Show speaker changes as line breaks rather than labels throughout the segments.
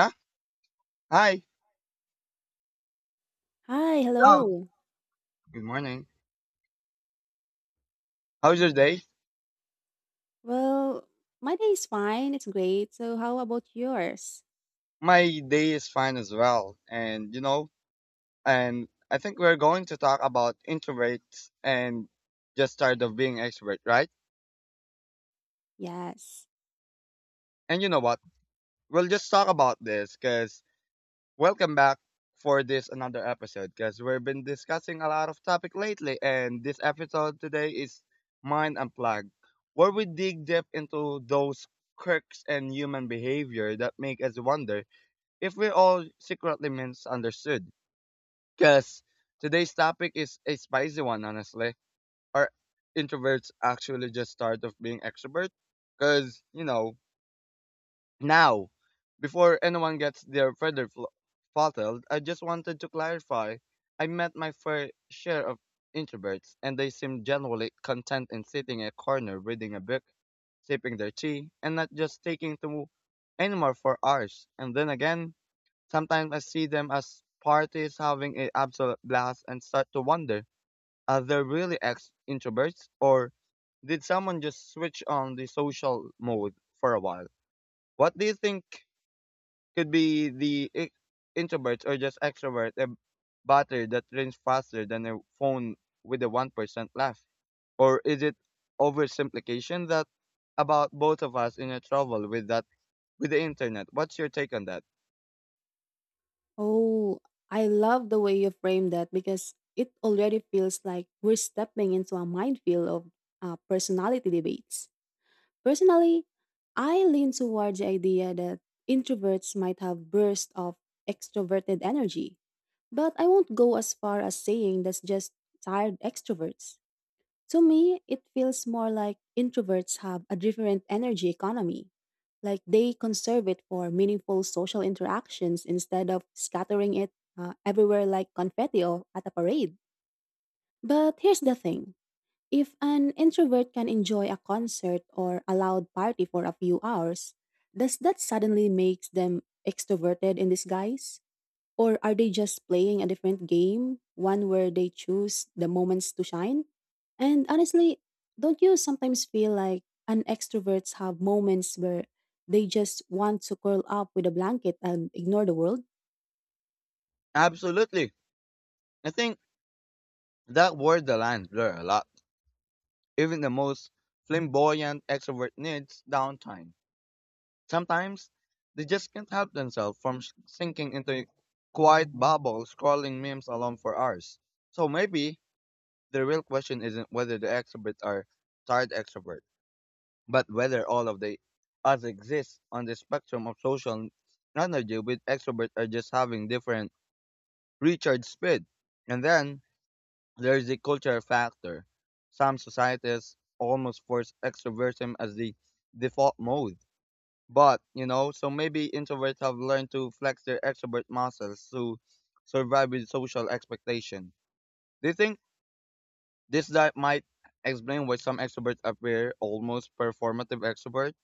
Huh? Hi.
Hi,
Hello.
hello.
Good morning. How's your day?
Well, my day is fine. It's great. So, how about yours?
My day is fine as well. And you know, and I think we're going to talk about introverts and just tired of being extrovert, right?
Yes.
And you know what? We'll just talk about this because welcome back for this another episode because we've been discussing a lot of topic lately, and this episode today is Mind Unplugged, where we dig deep into those quirks and human behavior that make us wonder if we're all secretly misunderstood. Because today's topic is a spicy one, honestly. Are introverts actually just tired of being extrovert? Because, you know, now, before anyone gets their throttled, I just wanted to clarify. I met my fair share of introverts, and they seem generally content in sitting in a corner reading a book, sipping their tea, and not just taking to anymore for hours. And then again, sometimes I see them as parties having an absolute blast and start to wonder, are they really ex introverts, or did someone just switch on the social mode for a while? What do you think could be the introverts or just extrovert, a battery that drains faster than a phone with a 1% left? Or is it oversimplification that about both of us in a trouble with that with the internet? What's your take on that?
Oh, I love the way you framed that because it already feels like we're stepping into a minefield of personality debates. Personally, I lean towards the idea that introverts might have bursts of extroverted energy, but I won't go as far as saying that's just tired extroverts. To me, it feels more like introverts have a different energy economy, like they conserve it for meaningful social interactions instead of scattering it everywhere like confetti at a parade. But here's the thing, if an introvert can enjoy a concert or a loud party for a few hours, does that suddenly make them extroverted in disguise? Or are they just playing a different game, one where they choose the moments to shine? And honestly, don't you sometimes feel like an extroverts have moments where they just want to curl up with a blanket and ignore the world?
Absolutely. I think that word the lines blur a lot. Even the most flamboyant extrovert needs downtime. Sometimes they just can't help themselves from sinking into a quiet bubble scrolling memes alone for hours. So maybe the real question isn't whether the extroverts are tired extrovert, but whether all of the us exist on the spectrum of social energy, with extroverts are just having different recharge speed. And then there is a cultural factor. Some societies almost force extroversion as the default mode. But, you know, so maybe introverts have learned to flex their extrovert muscles to survive with social expectation. Do you think this that might explain why some extroverts appear almost performative extrovert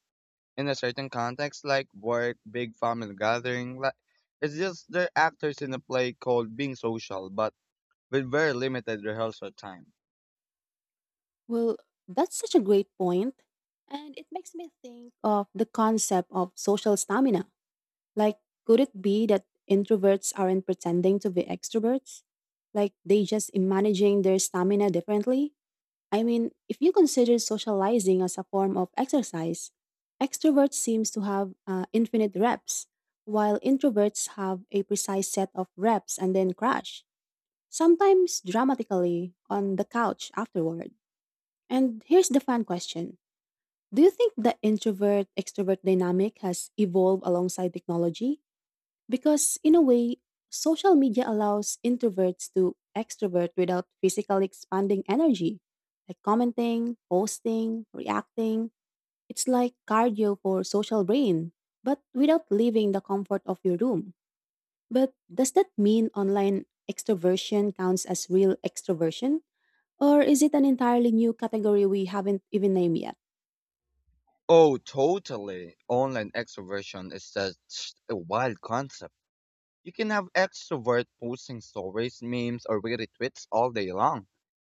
in a certain context like work, big family gathering? Like it's just they're actors in a play called being social, but with very limited rehearsal time.
Well, that's such a great point, and it makes me think of the concept of social stamina. Like, could it be that introverts aren't pretending to be extroverts? Like, they just managing their stamina differently? I mean, if you consider socializing as a form of exercise, extroverts seems to have infinite reps, while introverts have a precise set of reps and then crash, sometimes dramatically on the couch afterward. And here's the fun question. Do you think the introvert extrovert dynamic has evolved alongside technology? Because, in a way, social media allows introverts to extrovert without physically expanding energy, like commenting, posting, reacting. It's like cardio for social brain, but without leaving the comfort of your room. But does that mean online extroversion counts as real extroversion? Or is it an entirely new category we haven't even named yet?
Oh, totally. Online extroversion is just a wild concept. You can have extrovert posting stories, memes, or retweets all day long,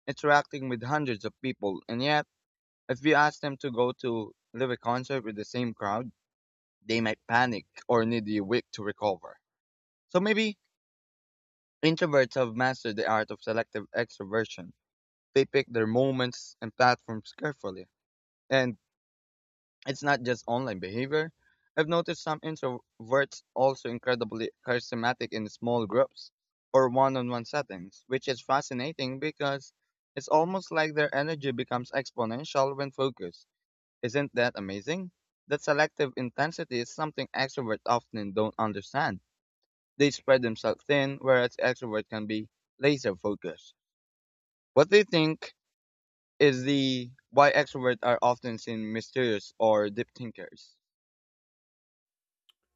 interacting with hundreds of people, and yet, if you ask them to go to live a concert with the same crowd, they might panic or need a week to recover. So maybe introverts have mastered the art of selective extroversion. They pick their moments and platforms carefully, and it's not just online behavior. I've noticed some introverts also incredibly charismatic in small groups or one-on-one settings, which is fascinating because it's almost like their energy becomes exponential when focused. Isn't that amazing? That selective intensity is something extroverts often don't understand. They spread themselves thin, whereas extroverts can be laser focused. What they think is the why extroverts are often seen mysterious or deep thinkers.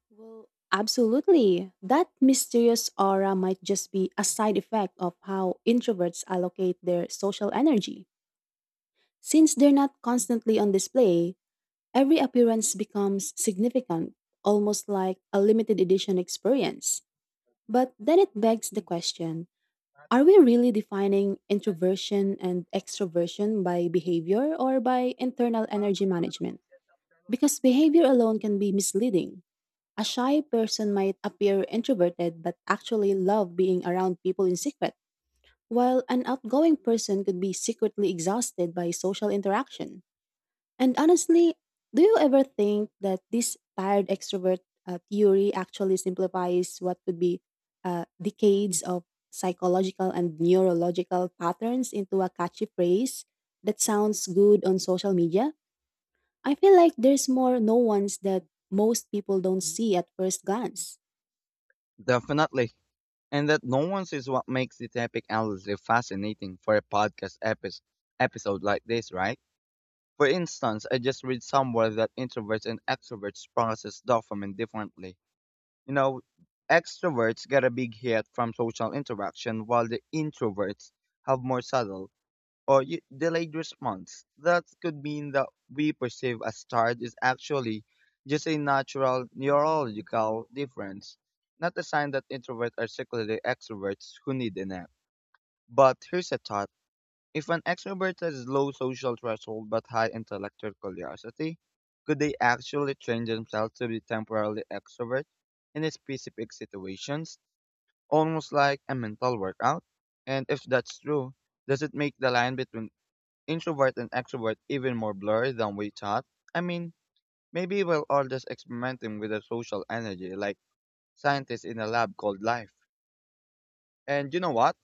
Well, absolutely. That mysterious aura might just be a side effect of how introverts allocate their social energy. Since they're not constantly on display, every appearance becomes significant, almost like a limited edition experience. But then it begs the question, are we really defining introversion and extroversion by behavior or by internal energy management? Because behavior alone can be misleading. A shy person might appear introverted but actually love being around people in secret, while an outgoing person could be secretly exhausted by social interaction. And honestly, do you ever think that this tired extrovert theory actually simplifies what could be decades of psychological and neurological patterns into a catchy phrase that sounds good on social media? I feel like there's more nuance that most people don't see at first glance.
Definitely. And that nuance is what makes the topic endlessly fascinating for a podcast episode like this, right? For instance, I just read somewhere that introverts and extroverts process dopamine differently. You know, extroverts get a big hit from social interaction, while the introverts have more subtle or delayed response. That could mean that we perceive as tired is actually just a natural neurological difference, not a sign that introverts are secretly extroverts who need a nap. But here's a thought. If an extrovert has low social threshold but high intellectual curiosity, could they actually train themselves to be temporarily extrovert in specific situations, almost like a mental workout? And if that's true, does it make the line between introvert and extrovert even more blurry than we thought? I mean, maybe we're all just experimenting with a social energy, like scientists in a lab called life. And you know what?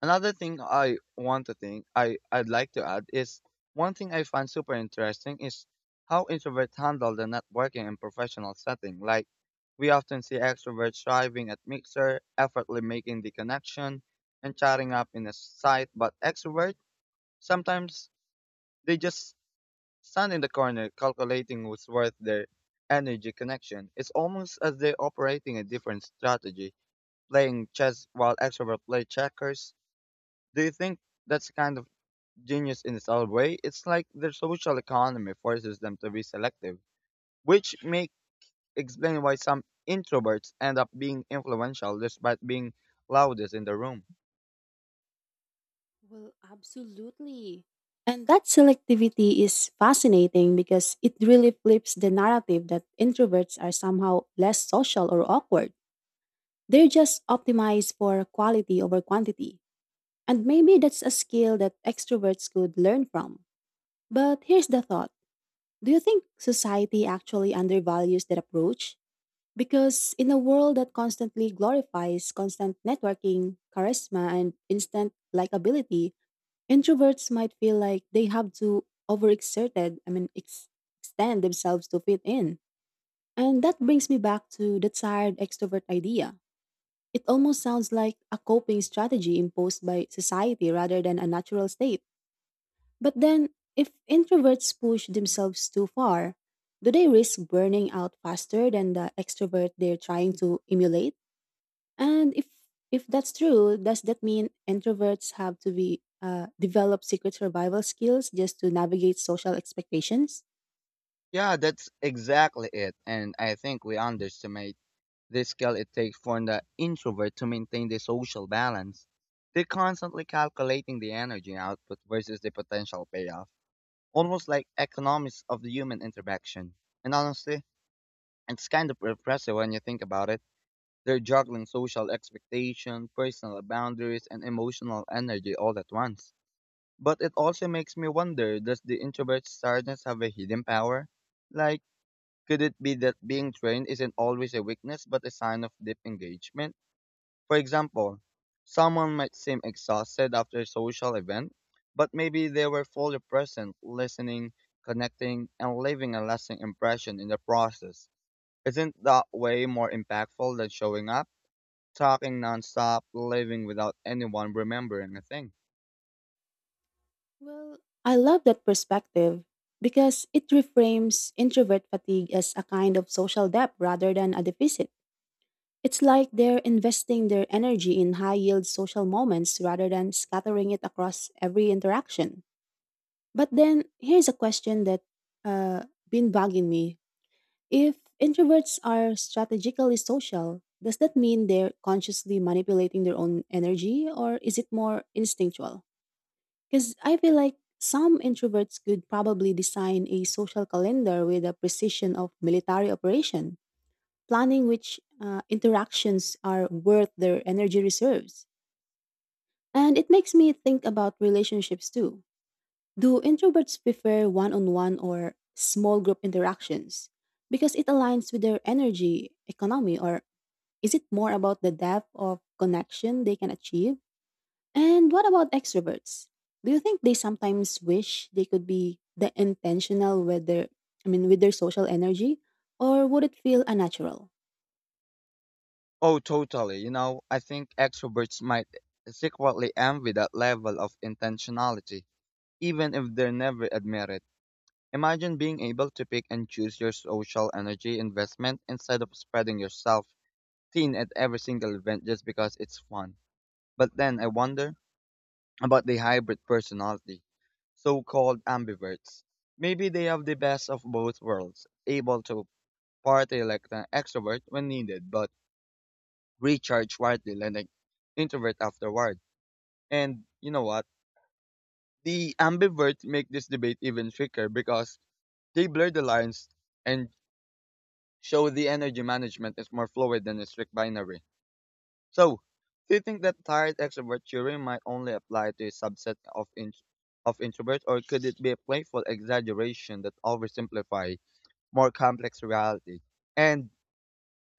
Another thing I want to think I'd like to add is one thing I find super interesting is how introverts handle the networking in professional setting. Like we often see extroverts thriving at mixer, effortlessly making the connection and chatting up in a site, but extrovert sometimes they just stand in the corner calculating who's worth their energy connection. It's almost as they're operating a different strategy, playing chess while extrovert play checkers. Do you think that's kind of genius in its own way? It's like their social economy forces them to be selective, which makes explain why some introverts end up being influential despite being loudest in the room.
Well, absolutely. And that selectivity is fascinating because it really flips the narrative that introverts are somehow less social or awkward. They're just optimized for quality over quantity. And maybe that's a skill that extroverts could learn from. But here's the thought, do you think society actually undervalues that approach? Because in a world that constantly glorifies constant networking, charisma, and instant likability, introverts might feel like they have to overexerted, extend themselves to fit in. And that brings me back to the tired extrovert idea. It almost sounds like a coping strategy imposed by society rather than a natural state. But then, if introverts push themselves too far, do they risk burning out faster than the extrovert they're trying to emulate? And if that's true, does that mean introverts have to be develop secret survival skills just to navigate social expectations?
Yeah, that's exactly it. And I think we underestimate the skill it takes for the introvert to maintain the social balance. They're constantly calculating the energy output versus the potential payoff, almost like economics of the human interaction. And honestly, it's kind of impressive when you think about it. They're juggling social expectation, personal boundaries, and emotional energy all at once. But it also makes me wonder, does the introvert's sadness have a hidden power? Like, could it be that being trained isn't always a weakness but a sign of deep engagement? For example, someone might seem exhausted after a social event, but maybe they were fully present, listening, connecting, and leaving a lasting impression in the process. Isn't that way more impactful than showing up, talking nonstop, leaving without anyone remembering a thing?
Well, I love that perspective because it reframes introvert fatigue as a kind of social debt rather than a deficit. It's like they're investing their energy in high yield social moments rather than scattering it across every interaction. But then here's a question that been bugging me, if introverts are strategically social, does that mean they're consciously manipulating their own energy or is it more instinctual? Because I feel like some introverts could probably design a social calendar with a precision of military operation, planning which interactions are worth their energy reserves. And it makes me think about relationships too. Do introverts prefer one on one or small group interactions because it aligns with their energy, economy, or is it more about the depth of connection they can achieve? And what about extroverts? Do you think they sometimes wish they could be the intentional with their with their social energy or would it feel unnatural?
Oh, totally. You know, I think extroverts might secretly envy that level of intentionality, even if they never admit it. Imagine being able to pick and choose your social energy investment instead of spreading yourself thin at every single event just because it's fun. But then I wonder about the hybrid personality, so called ambiverts. Maybe they have the best of both worlds, able to party like an extrovert when needed, but recharge quietly like an introvert afterward. And you know what? The ambiverts make this debate even thicker because they blur the lines and show the energy management is more fluid than a strict binary. So, do you think that tired extrovert theory might only apply to a subset of of introverts, or could it be a playful exaggeration that oversimplify more complex reality? And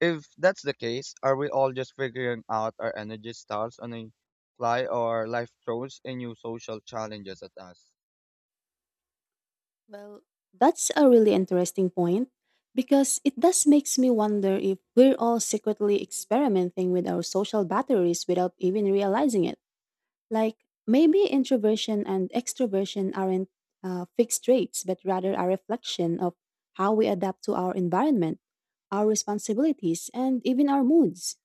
if that's the case, are we all just figuring out our energy styles on a fly, or life throws a new social challenges at us?
Well, that's a really interesting point because it does makes me wonder if we're all secretly experimenting with our social batteries without even realizing it. Like maybe introversion and extroversion aren't fixed traits, but rather a reflection of how we adapt to our environment, our responsibilities, and even our moods.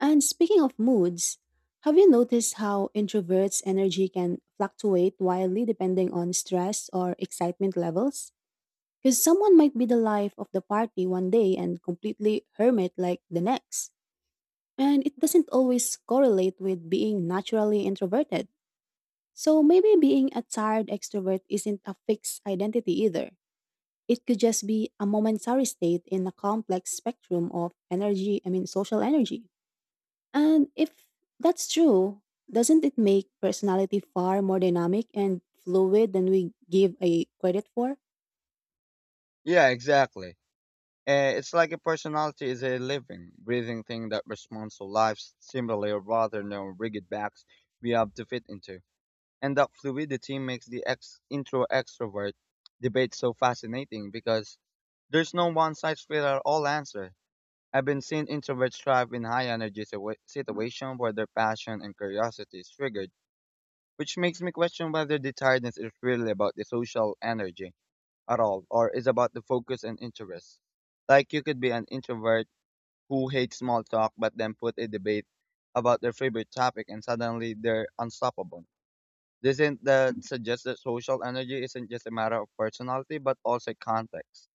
And speaking of moods, have you noticed how introverts' energy can fluctuate wildly depending on stress or excitement levels? Because someone might be the life of the party one day and completely hermit like the next. And it doesn't always correlate with being naturally introverted. So maybe being a tired extrovert isn't a fixed identity either. It could just be a momentary state in a complex spectrum of energy, I mean, social energy. And if that's true, doesn't it make personality far more dynamic and fluid than we give a credit for?
Yeah, exactly. It's like a personality is a living, breathing thing that responds to life's similarly rather than rigid box we have to fit into. And that fluidity makes the intro extrovert debate so fascinating because there's no one size fits all answer. I've been seeing introverts thrive in high energy situations where their passion and curiosity is triggered, which makes me question whether the tiredness is really about the social energy at all, or is about the focus and interest. Like you could be an introvert who hate small talk, but then put a debate about their favorite topic and suddenly they're unstoppable. Doesn't that suggests that social energy isn't just a matter of personality but also context,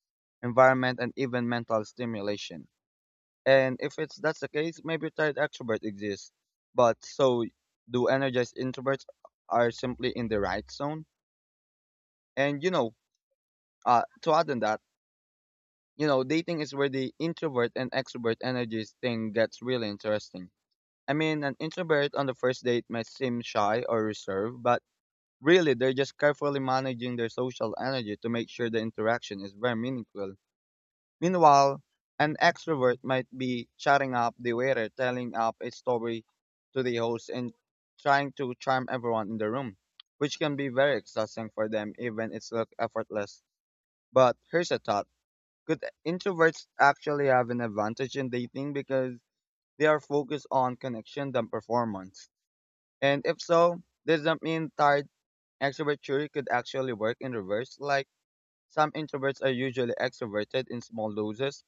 environment, and even mental stimulation? And if it's that's the case, maybe retired extroverts exist, but so do energized introverts are simply in the right zone. And you know, to add on that, you know, dating is where the introvert and extrovert energies thing gets really interesting. I mean, an introvert on the first date might seem shy or reserved, but really they're just carefully managing their social energy to make sure the interaction is very meaningful. Meanwhile, an extrovert might be chatting up the waiter, telling up a story to the host, and trying to charm everyone in the room, which can be very exhausting for them, even it's look effortless. But here's a thought. Could introverts actually have an advantage in dating because they are focused on connection than performance? And if so, does that mean tired extrovertry could actually work in reverse? Like some introverts are usually extroverted in small doses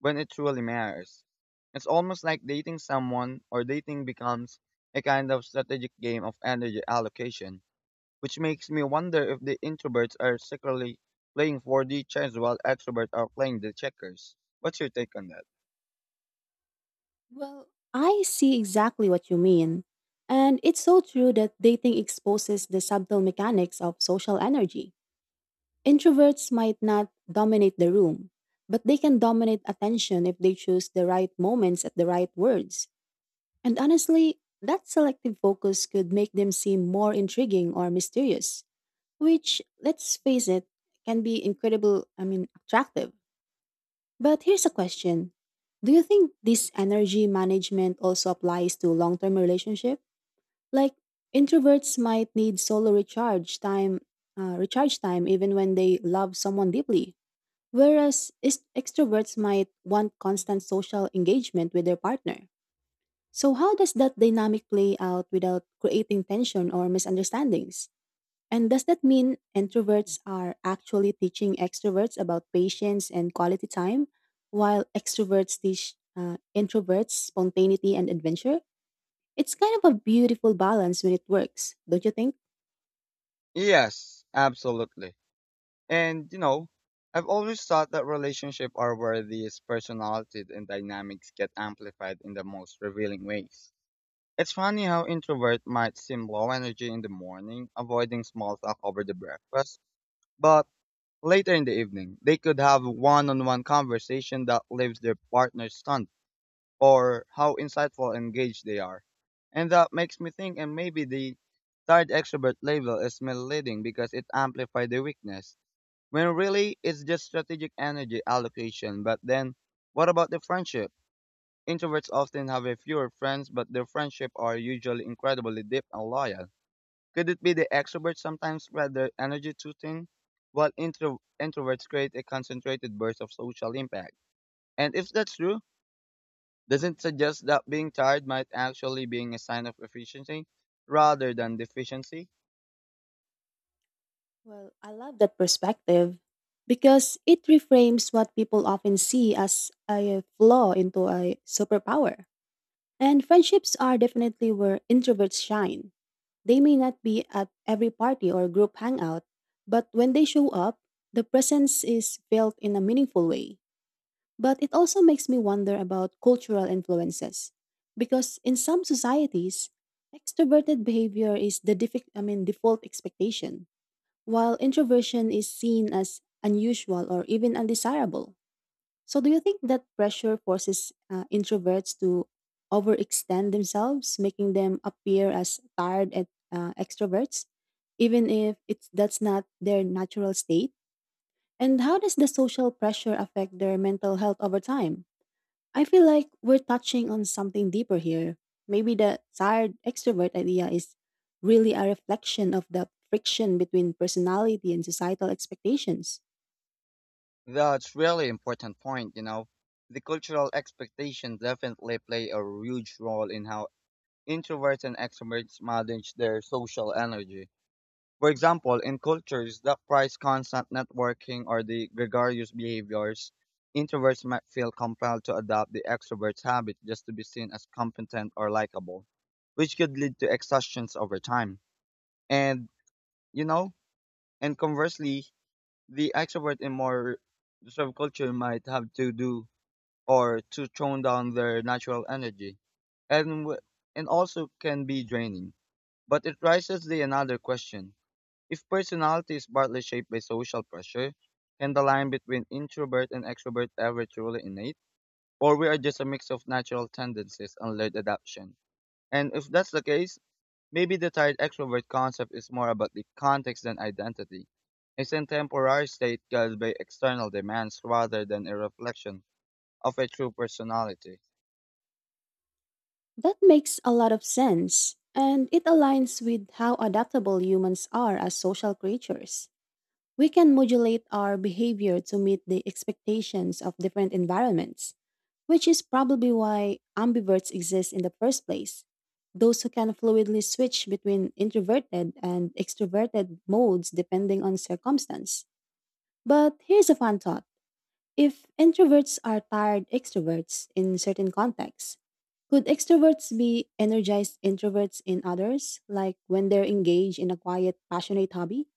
when it truly matters. It's almost like dating someone or dating becomes a kind of strategic game of energy allocation, which makes me wonder if the introverts are secretly playing 4D chess while extroverts are playing the checkers. What's your take on that?
Well, I see exactly what you mean. And it's so true that dating exposes the subtle mechanics of social energy. Introverts might not dominate the room, but they can dominate attention if they choose the right moments at the right words. And honestly, that selective focus could make them seem more intriguing or mysterious, which, let's face it, can be incredible, I mean, attractive. But here's a question. Do you think this energy management also applies to long-term relationship? Like introverts might need solo recharge time even when they love someone deeply, whereas extroverts might want constant social engagement with their partner. So how does that dynamic play out without creating tension or misunderstandings? And does that mean introverts are actually teaching extroverts about patience and quality time, while extroverts teach introverts spontaneity and adventure? It's kind of a beautiful balance when it works, don't you think?
Yes, absolutely. And you know, I've always thought that relationships are where these personalities and dynamics get amplified in the most revealing ways. It's funny how introvert might seem low energy in the morning, avoiding small talk over the breakfast, but later in the evening, they could have one-on-one conversation that leaves their partner stunned or how insightful and engaged they are. And that makes me think, and maybe the third extrovert label is misleading because it amplifies the weakness when really it's just strategic energy allocation. But then what about the friendship? Introverts often have a fewer friends, but their friendship are usually incredibly deep and loyal. Could it be the extroverts sometimes spread their energy too thin, while introverts create a concentrated burst of social impact? And if that's true, doesn't suggest that being tired might actually be a sign of efficiency rather than deficiency?
Well, I love that perspective because it reframes what people often see as a flaw into a superpower. And friendships are definitely where introverts shine. They may not be at every party or group hangout, but when they show up, the presence is felt in a meaningful way. But it also makes me wonder about cultural influences, because in some societies, extroverted behavior is the default expectation, while introversion is seen as unusual or even undesirable. So, do you think that pressure forces introverts to overextend themselves, making them appear as tired at extroverts, even if it's that's not their natural state? And how does the social pressure affect their mental health over time? I feel like we're touching on something deeper here. Maybe the tired extrovert idea is really a reflection of the friction between personality and societal expectations.
That's really important point, you know. The cultural expectations definitely play a huge role in how introverts and extroverts manage their social energy. For example, in cultures that prize constant networking or the gregarious behaviors, introverts might feel compelled to adopt the extrovert's habit just to be seen as competent or likable, which could lead to exhaustions over time. And, you know, and conversely, the extrovert in more reserved culture might have to do or to tone down their natural energy, and w- and also can be draining. But it raises the another question: if personality is partly shaped by social pressure, can the line between introvert and extrovert ever truly innate, or we are just a mix of natural tendencies and learned adaptation? And if that's the case, maybe the tired extrovert concept is more about the context than identity. It's a temporary state caused by external demands rather than a reflection of a true personality.
That makes a lot of sense, and it aligns with how adaptable humans are as social creatures. We can modulate our behavior to meet the expectations of different environments, which is probably why ambiverts exist in the first place. Those who can fluidly switch between introverted and extroverted modes depending on circumstance. But here's a fun thought. If introverts are tired extroverts in certain contexts, could extroverts be energized introverts in others, like when they're engaged in a quiet, passionate hobby?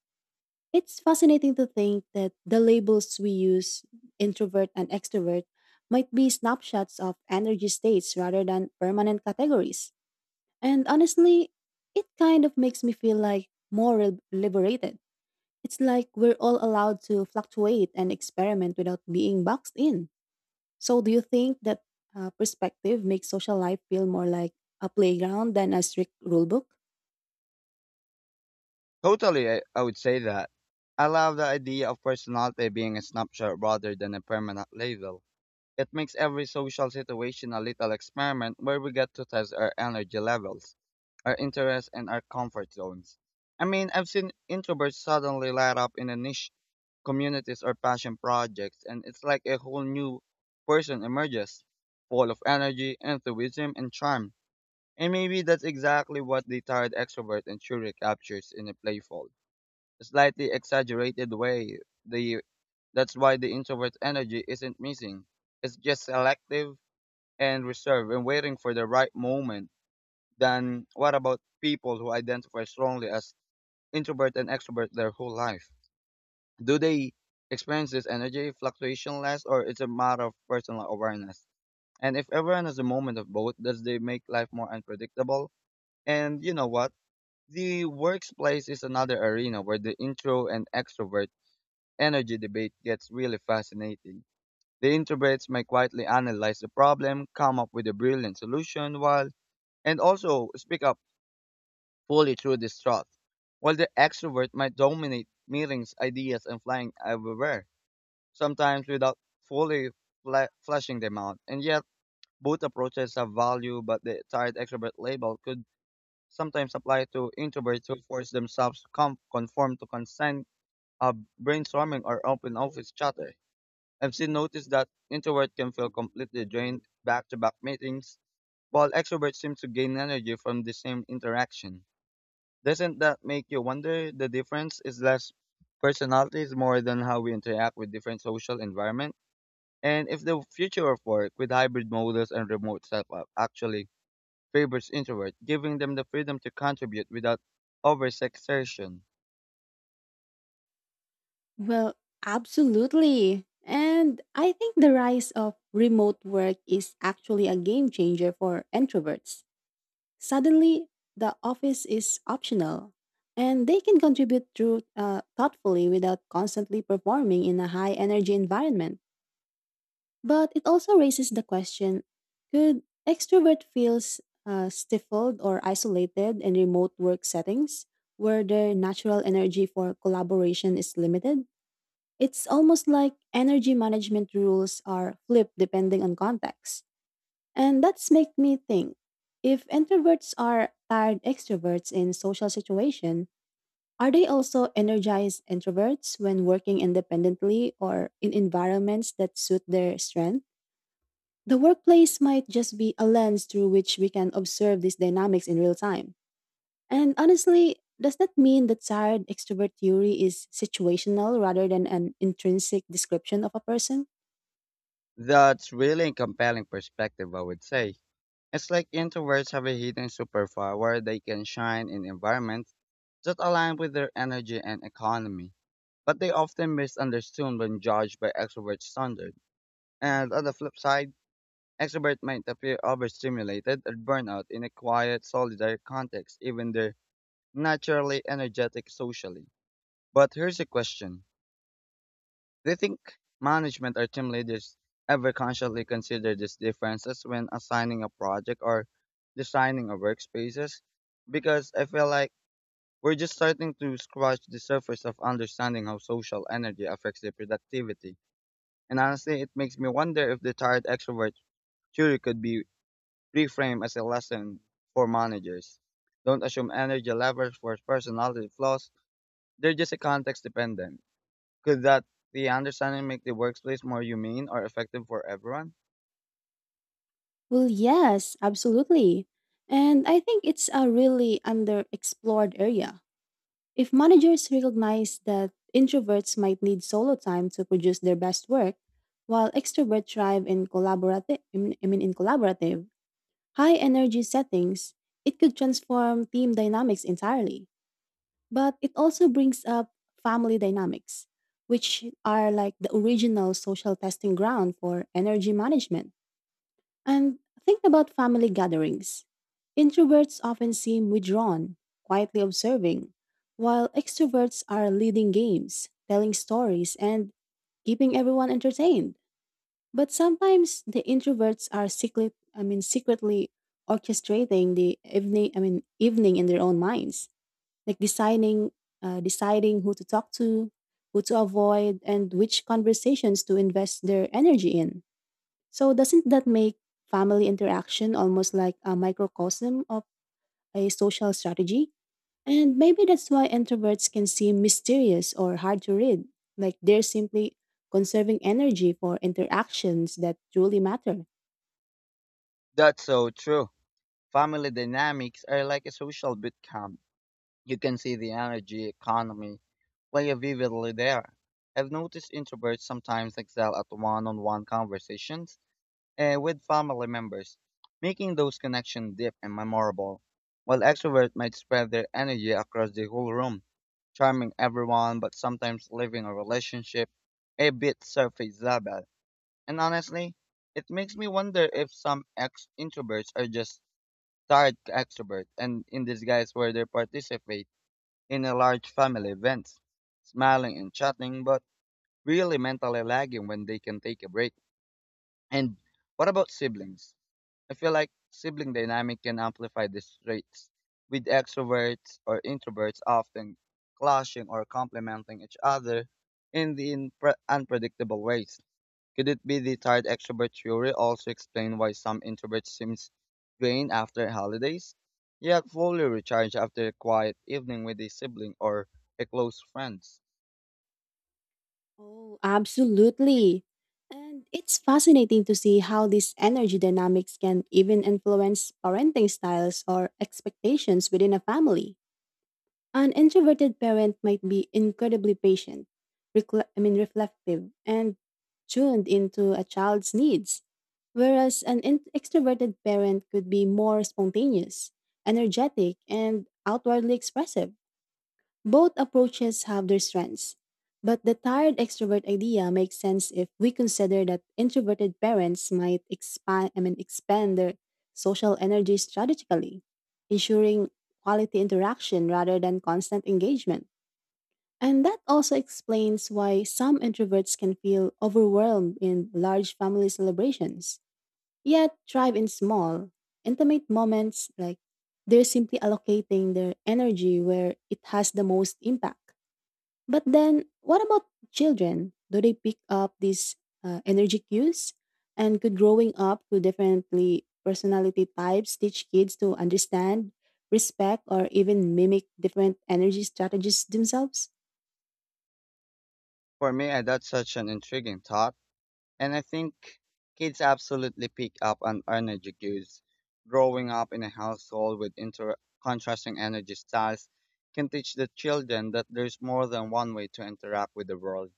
It's fascinating to think that the labels we use, introvert and extrovert, might be snapshots of energy states rather than permanent categories. And honestly, it kind of makes me feel like more liberated. It's like we're all allowed to fluctuate and experiment without being boxed in. So, do you think that perspective makes social life feel more like a playground than a strict rule book?
Totally, I would say that. I love the idea of personality being a snapshot rather than a permanent label. It makes every social situation a little experiment where we get to test our energy levels, our interests, and our comfort zones. I mean, I've seen introverts suddenly light up in a niche communities or passion projects, and it's like a whole new person emerges, full of energy, enthusiasm, and charm. And maybe that's exactly what the tired extrovert and truly captures in a playful slightly exaggerated way. The that's why the introvert energy isn't missing. It's just selective and reserved and waiting for the right moment. Then what about people who identify strongly as introvert and extrovert their whole life? Do they experience this energy fluctuation less or it's a matter of personal awareness? And if everyone has a moment of both, does they make life more unpredictable? And you know what? The workplace is another arena where the intro and extrovert energy debate gets really fascinating. The introverts may quietly analyze the problem, come up with a brilliant solution, while and also speak up fully through distrust, while the extrovert might dominate meetings, ideas, and flying everywhere, sometimes without fully fleshing them out. And yet, both approaches have value, but the tired extrovert label could sometimes apply to introverts who force themselves to conform to consent of brainstorming or open office chatter. I've seen noticed that introverts can feel completely drained back to back meetings, while extroverts seem to gain energy from the same interaction. Doesn't that make you wonder the difference is less personalities more than how we interact with different social environment? And if the future of work with hybrid models and remote setup actually favors introverts, giving them the freedom to contribute without overexertion,
Well, absolutely. And I think the rise of remote work is actually a game changer for introverts. Suddenly, the office is optional, and they can contribute through thoughtfully without constantly performing in a high energy environment. But it also raises the question, could extrovert feels stifled or isolated in remote work settings where their natural energy for collaboration is limited? It's almost like energy management rules are flipped depending on context. And that's make me think, if introverts are tired extroverts in social situation, are they also energized introverts when working independently or in environments that suit their strength? The workplace might just be a lens through which we can observe these dynamics in real time. And honestly, does that mean the tired extrovert theory is situational rather than an intrinsic description of a person?
that's really a compelling perspective, I would say. It's like introverts have a hidden superpower they can shine in environments that align with their energy and economy. But they often misunderstood when judged by extrovert standards. And on the flip side, extroverts might appear overstimulated or burnout in a quiet, solitary context, even they're naturally energetic socially. But here's a question. Do you think management or team leaders ever consciously consider these differences when assigning a project or designing a workspaces? Because I feel like we're just starting to scratch the surface of understanding how social energy affects the productivity. And honestly, it makes me wonder if the tired extrovert theory could be reframed as a lesson for managers. Don't assume energy levels for personality flaws, they're just a context dependent. Could that the understanding make the workplace more humane or effective for everyone?
Well, yes, absolutely. And I think it's a really underexplored area. If managers recognize that introverts might need solo time to produce their best work, while extroverts thrive in collaborative, I mean in collaborative, high energy settings, it could transform team dynamics entirely. But it also brings up family dynamics, which are like the original social testing ground for energy management. And think about family gatherings. Introverts often seem withdrawn, quietly observing, while extroverts are leading games, telling stories, and keeping everyone entertained. But sometimes the introverts are secretly orchestrating the evening I mean evening in their own minds. Like deciding who to talk to, who to avoid and which conversations to invest their energy in. So doesn't that make family interaction almost like a microcosm of a social strategy? And maybe that's why introverts can seem mysterious or hard to read, like they're simply conserving energy for interactions that truly matter.
That's so true. Family dynamics are like a social boot camp. You can see the energy economy play vividly there. I've noticed introverts sometimes excel at one-on-one conversations with family members, making those connections deep and memorable, while extroverts might spread their energy across the whole room, charming everyone but sometimes leaving a relationship a bit surface level. And honestly, it makes me wonder if some ex introverts are just tired extroverts and in disguise where they participate in a large family events, smiling and chatting, but really mentally lagging when they can take a break. And what about siblings? I feel like sibling dynamic can amplify these traits, with extroverts or introverts often clashing or complementing each other in the unpredictable ways. Could it be the tired extrovert theory also explain why some introverts seem drained after holidays, yet fully recharged after a quiet evening with a sibling or a close friend?
Oh, absolutely. And it's fascinating to see how these energy dynamics can even influence parenting styles or expectations within a family. An introverted parent might be incredibly patient, reflective, and tuned into a child's needs, whereas an extroverted parent could be more spontaneous, energetic, and outwardly expressive. Both approaches have their strengths, but the tired extrovert idea makes sense if we consider that introverted parents might expand their social energy strategically, ensuring quality interaction rather than constant engagement. And that also explains why some introverts can feel overwhelmed in large family celebrations, yet thrive in small, intimate moments like they're simply allocating their energy where it has the most impact. But then, what about children? Do they pick up these energy cues? And could growing up to differently personality types teach kids to understand, respect, or even mimic different energy strategies themselves?
For me, that's such an intriguing thought, and I think kids absolutely pick up on energy cues. Growing up in a household with contrasting energy styles can teach the children that there's more than one way to interact with the world.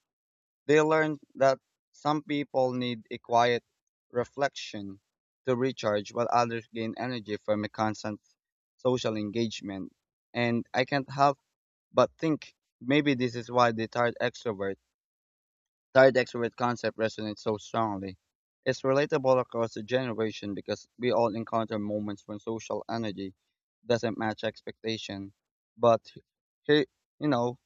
They learned that some people need a quiet reflection to recharge, while others gain energy from a constant social engagement. And I can't help but think maybe this is why the tired extrovert that decorate concept resonates so strongly. It's relatable across the generation because we all encounter moments when social energy doesn't match expectation. But here, you know,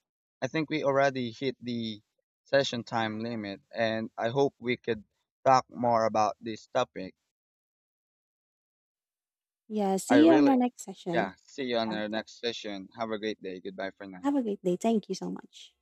I think we already hit the session time limit, and I hope we could talk more about this topic.
Yeah,
I
see you on our
really,
next
yeah.
session.
See you on
Uh,
our next session. Have a great day. Goodbye for now.
Have a great day. Thank you so much.